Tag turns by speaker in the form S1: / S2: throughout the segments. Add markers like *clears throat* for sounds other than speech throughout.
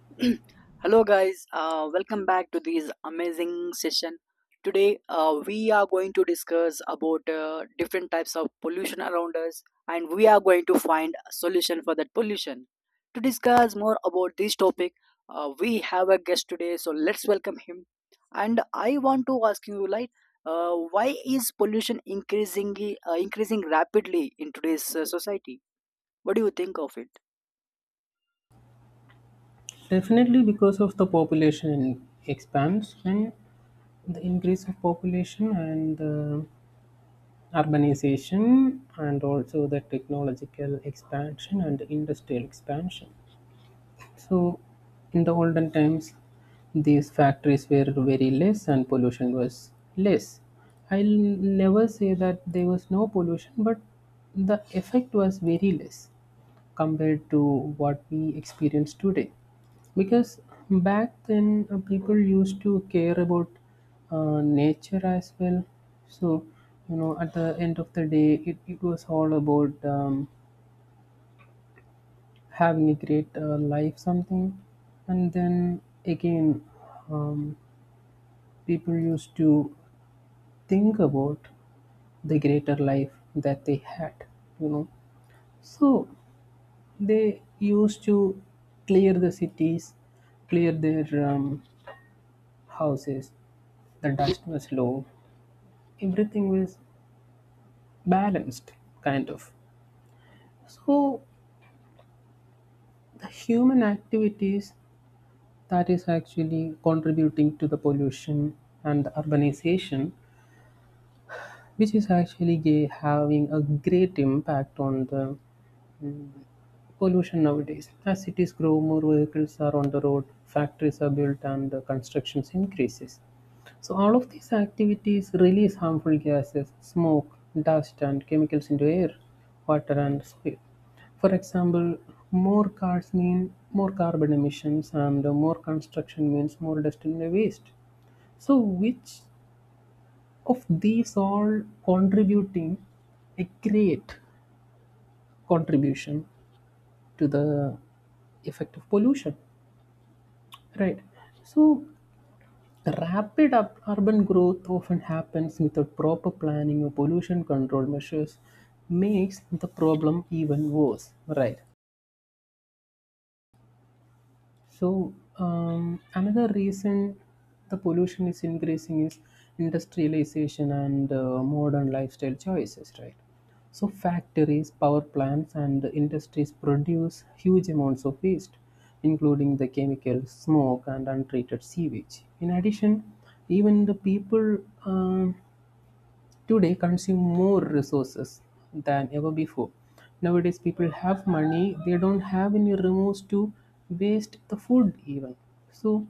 S1: *clears throat* Hello, guys. Welcome back to this amazing session. Today, we are going to discuss about different types of pollution around us, and we are going to find a solution for that pollution. To discuss more about this topic, we have a guest today, so let's welcome him. And I want to ask you, why is pollution increasing increasing rapidly in today's society? What do you think of it?
S2: Definitely because of the population expands and the increase of population and the urbanization and also the technological expansion and industrial expansion. So in the olden times these factories were very less and pollution was less. I'll never say that there was no pollution but the effect was very less compared to what we experience today because back then people used to care about nature as well. So at the end of the day it was all about having a great life something. And then again, um, people used to think about the greater life that they had, you know so they used to clear the cities, clear their houses. The dust was low. Everything was balanced, kind of. So, the human activities that is actually contributing to the pollution and the urbanization, which is actually having a great impact on the pollution nowadays. As cities grow, more vehicles are on the road, factories are built, and the constructions increases. So all of these activities release harmful gases, smoke, dust, and chemicals into air, water, and soil. For example, more cars mean more carbon emissions, and more construction means more dust and waste. So, which of these all contributing a great contribution to the effect of pollution, right? So rapid up urban growth often happens without proper planning or pollution control measures makes the problem even worse, right? So, another reason the pollution is increasing is industrialization and modern lifestyle choices, right? So, factories, power plants, and industries produce huge amounts of waste, including the chemical smoke and untreated sewage. In addition, even the people, um, today consume more resources than ever before. Nowadays, people have money, they don't have any remorse to waste the food, even. So,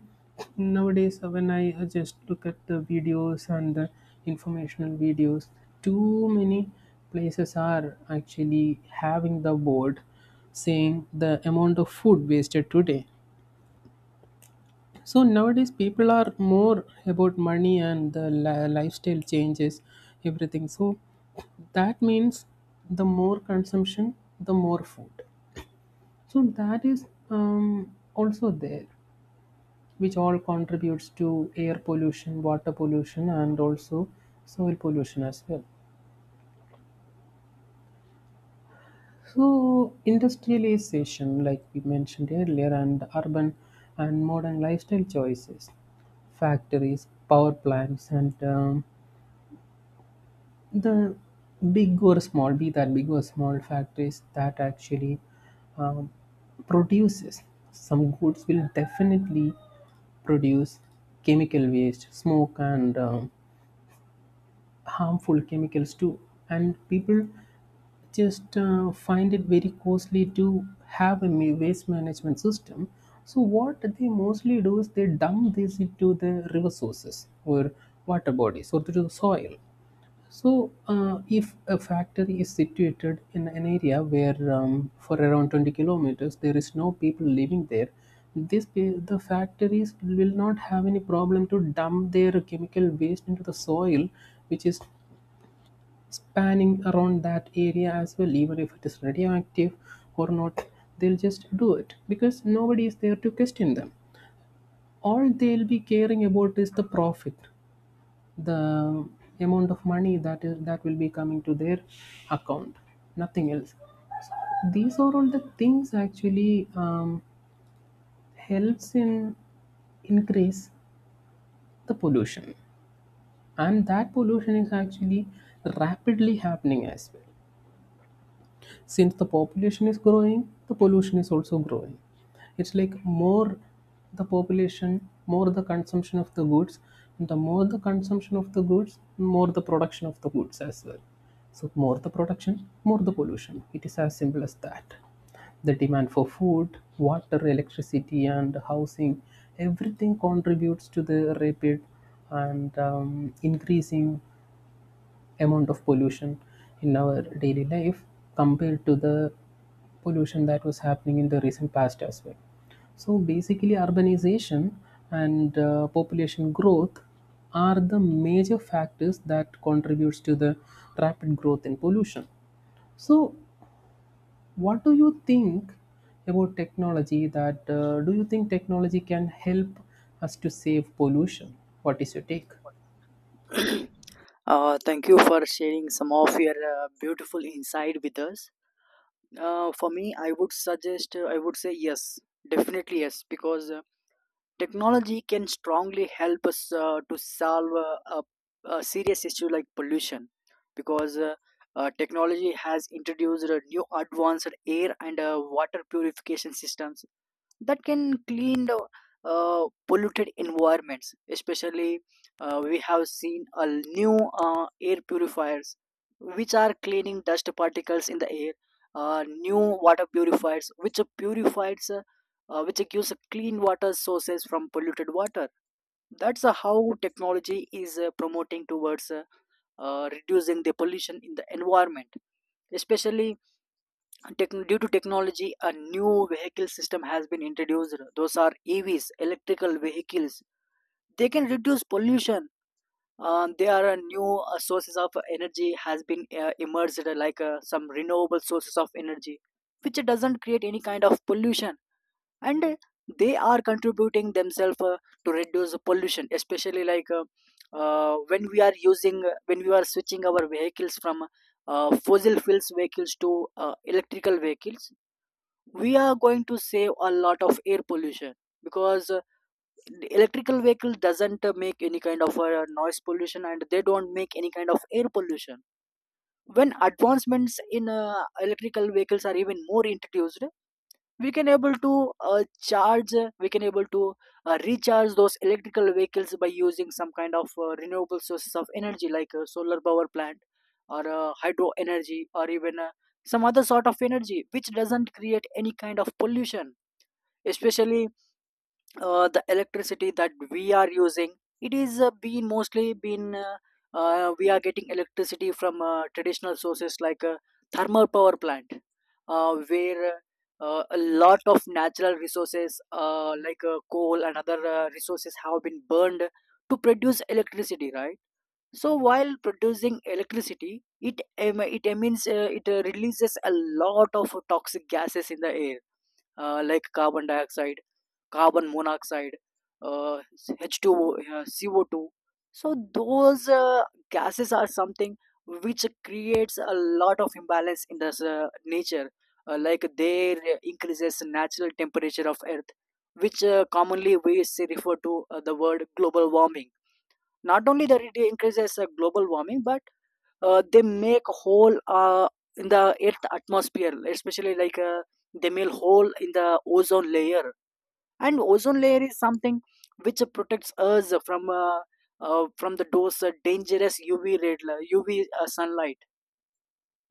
S2: nowadays, when I just look at the videos and the informational videos, too many places are actually having the board saying the amount of food wasted today. So nowadays, people are more about money and the lifestyle changes, everything. So that means the more consumption, the more food. So that is also there, which all contributes to air pollution, water pollution, and also soil pollution as well. So industrialization, like we mentioned earlier, and urban and modern lifestyle choices, factories, power plants, and the big or small, be that big or small factories that actually um, produces some goods will definitely produce chemical waste, smoke, and harmful chemicals too. And people just find it very costly to have a waste management system. So what they mostly do is they dump this into the river sources or water bodies or to the soil. So, if a factory is situated in an area where, for around 20 kilometers, there is no people living there, this the factories will not have any problem to dump their chemical waste into the soil, which is spanning around that area as well, even if it is radioactive or not. They'll just do it because nobody is there to question them. All they'll be caring about is the profit, the amount of money that is that will be coming to their account, nothing else. These are all the things actually helps in increase the pollution, and that pollution is actually rapidly happening as well. Since the population is growing the pollution is also growing. It's like more the population more the consumption of the goods, and the more the consumption of the goods more the production of the goods as well. So more the production more the pollution, it is as simple as that. The demand for food, water, electricity and housing, everything contributes to the rapid and increasing amount of pollution in our daily life compared to the pollution that was happening in the recent past as well. So basically, urbanization and population growth are the major factors that contributes to the rapid growth in pollution. So, what do you think about technology? That do you think technology can help us to save pollution? What is your take?
S1: *clears throat* Thank you for sharing some of your beautiful insight with us. For me, I would suggest, I would say yes, definitely yes, because technology can strongly help us to solve a serious issue like pollution. Because technology has introduced new advanced air and water purification systems that can clean the polluted environments. Especially, we have seen a new air purifiers which are cleaning dust particles in the air, new water purifiers which purifies which gives clean water sources from polluted water. That's how technology is promoting towards reducing the pollution in the environment. Especially Techn due to technology, a new vehicle system has been introduced. Those are EVs, electrical vehicles. They can reduce pollution. There are a new sources of energy has been emerged, like some renewable sources of energy, which doesn't create any kind of pollution, and they are contributing themselves to reduce the pollution, especially like when we are switching our vehicles from fossil fuels vehicles to electrical vehicles. We are going to save a lot of air pollution because the electrical vehicle doesn't make any kind of noise pollution, and they don't make any kind of air pollution. When advancements in electrical vehicles are even more introduced, we can able to recharge those electrical vehicles by using some kind of renewable sources of energy like solar power plant or hydro energy, or even some other sort of energy which doesn't create any kind of pollution. Especially the electricity that we are using, it is been mostly been we are getting electricity from traditional sources like thermal power plant, where a lot of natural resources, like coal and other resources, have been burned to produce electricity, right? So while producing electricity, it em- it emits it releases a lot of toxic gases in the air, like carbon dioxide, carbon monoxide, uh, H2O, CO2. So those gases are something which creates a lot of imbalance in the nature. Like, they increases natural temperature of Earth, which commonly we say refer to the word global warming. Not only that it increases global warming, but they make hole in the Earth atmosphere, especially they make hole in the ozone layer, and ozone layer is something which protects us from the dose dangerous uv sunlight.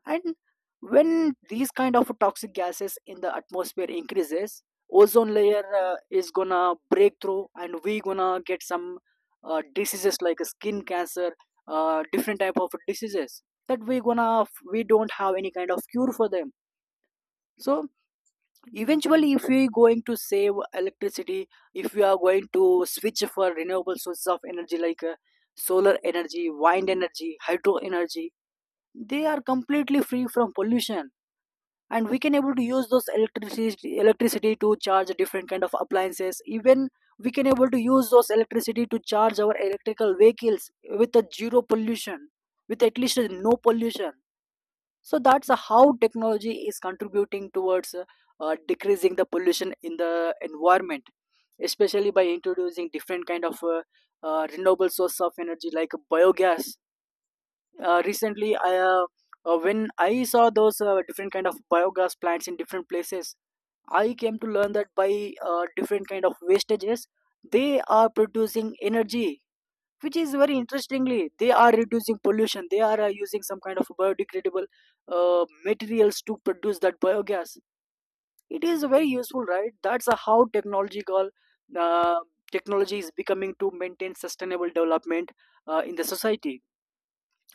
S1: And when these kind of toxic gases in the atmosphere increases, ozone layer is gonna break through, and we gonna get some diseases like skin cancer, different type of diseases that we don't have any kind of cure for them. So eventually, if we are going to save electricity, if we are going to switch for renewable sources of energy like solar energy, wind energy, hydro energy, they are completely free from pollution, and we can able to use those electricity electricity to charge different kind of appliances. Even we can able to use those electricity to charge our electrical vehicles with a zero pollution, with at least a no pollution. So that's how technology is contributing towards decreasing the pollution in the environment, especially by introducing different kind of renewable source of energy like biogas. Uh, recently i uh, uh, when I saw those different kind of biogas plants in different places, I came to learn that by different kind of wastages, they are producing energy, which is very interestingly they are reducing pollution. They are using some kind of biodegradable materials to produce that biogas. It is very useful, right? That's how technological uh, technology is becoming to maintain sustainable development in the society.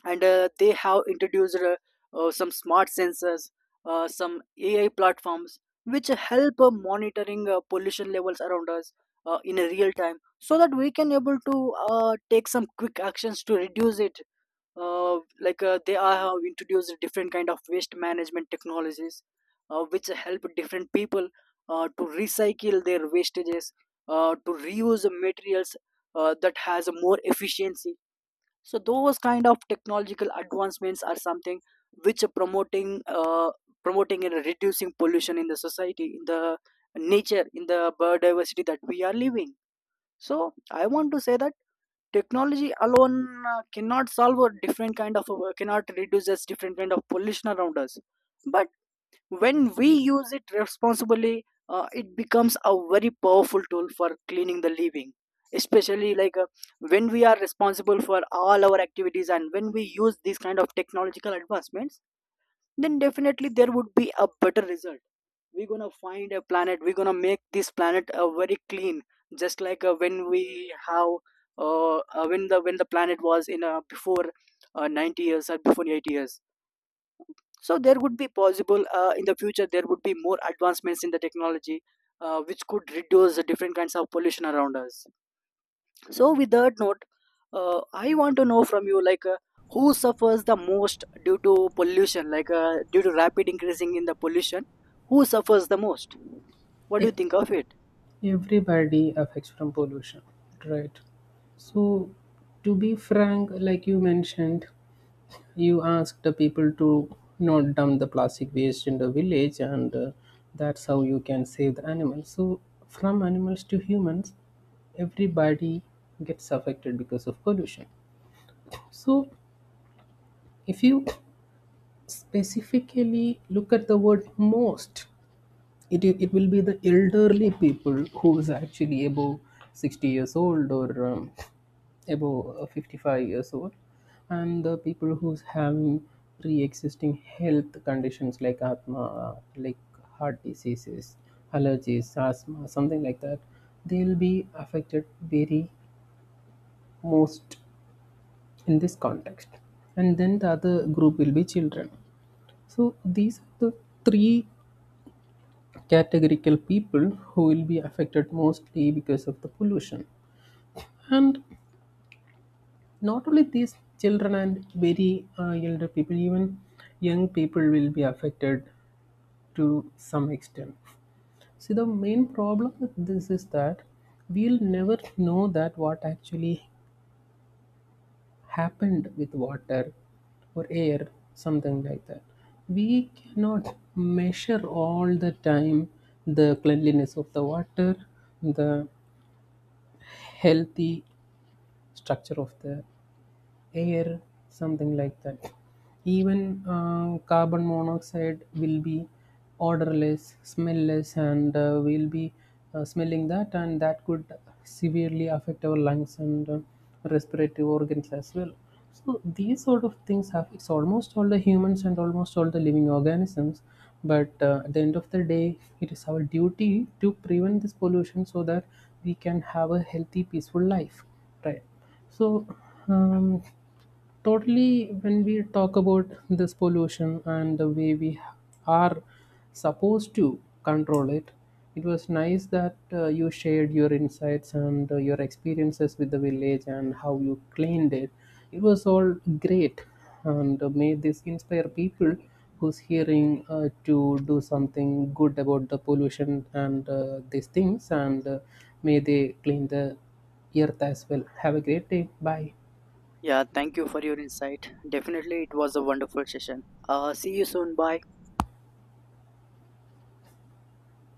S1: And they have introduced some smart sensors, some ai platforms which help monitoring pollution levels around us in a real time, so that we can able to take some quick actions to reduce it. uh, they are have introduced different kind of waste management technologies, which help different people to recycle their wastages, to reuse materials that has more efficiency. So those kind of technological advancements are something which are promoting promoting and reducing pollution in the society, in the nature, in the biodiversity that we are living. So I want to say that technology alone cannot solve a different kind of cannot reduce us different kind of pollution around us. But when we use it responsibly, it becomes a very powerful tool for cleaning the living. Especially when we are responsible for all our activities, and when we use these kind of technological advancements, then definitely there would be a better result. We're gonna find a planet, we're gonna make this planet very clean, just like when we have when the planet was in before 90 years or before 80 years. So there would be possible in the future, there would be more advancements in the technology which could reduce the different kinds of pollution around us. So with that note, I want to know from you, who suffers the most due to pollution, due to rapid increasing in the pollution? Who suffers the most? What do
S2: Yeah.
S1: you think of it?
S2: Everybody affects from pollution, right? So, to be frank, like you mentioned, you asked the people to not dump the plastic waste in the village, and that's how you can save the animals. So, from animals to humans, everybody gets affected because of pollution. So, if you specifically look at the word most, it will be the elderly people who is actually above 60 years old or above 55 years old and the people who's having pre-existing health conditions like asthma, like heart diseases, allergies, asthma, something like that. They'll be affected very most in this context, and then the other group will be children. So these are the three categorical people who will be affected mostly because of the pollution. And not only these children and very elder people, even young people will be affected to some extent. See, the main problem with this is that we'll never know that what actually happened with water or air, something like that. We cannot measure all the time the cleanliness of the water, the healthy structure of the air, something like that. Even carbon monoxide will be odorless, smellless, and we'll be smelling that, and that could severely affect our lungs and respiratory organs as well. So these sort of things have it's almost all the humans and almost all the living organisms, but at the end of the day, it is our duty to prevent this pollution so that we can have a healthy, peaceful life, right? So, um, totally, when we talk about this pollution and the way we are supposed to control it, it was nice that you shared your insights and your experiences with the village and how you cleaned it. It was all great, and may this inspire people who's hearing to do something good about the pollution and these things, and may they clean the Earth as well. Have a great day. Bye.
S1: Yeah, thank you for your insight. Definitely it was a wonderful session. See you soon. Bye.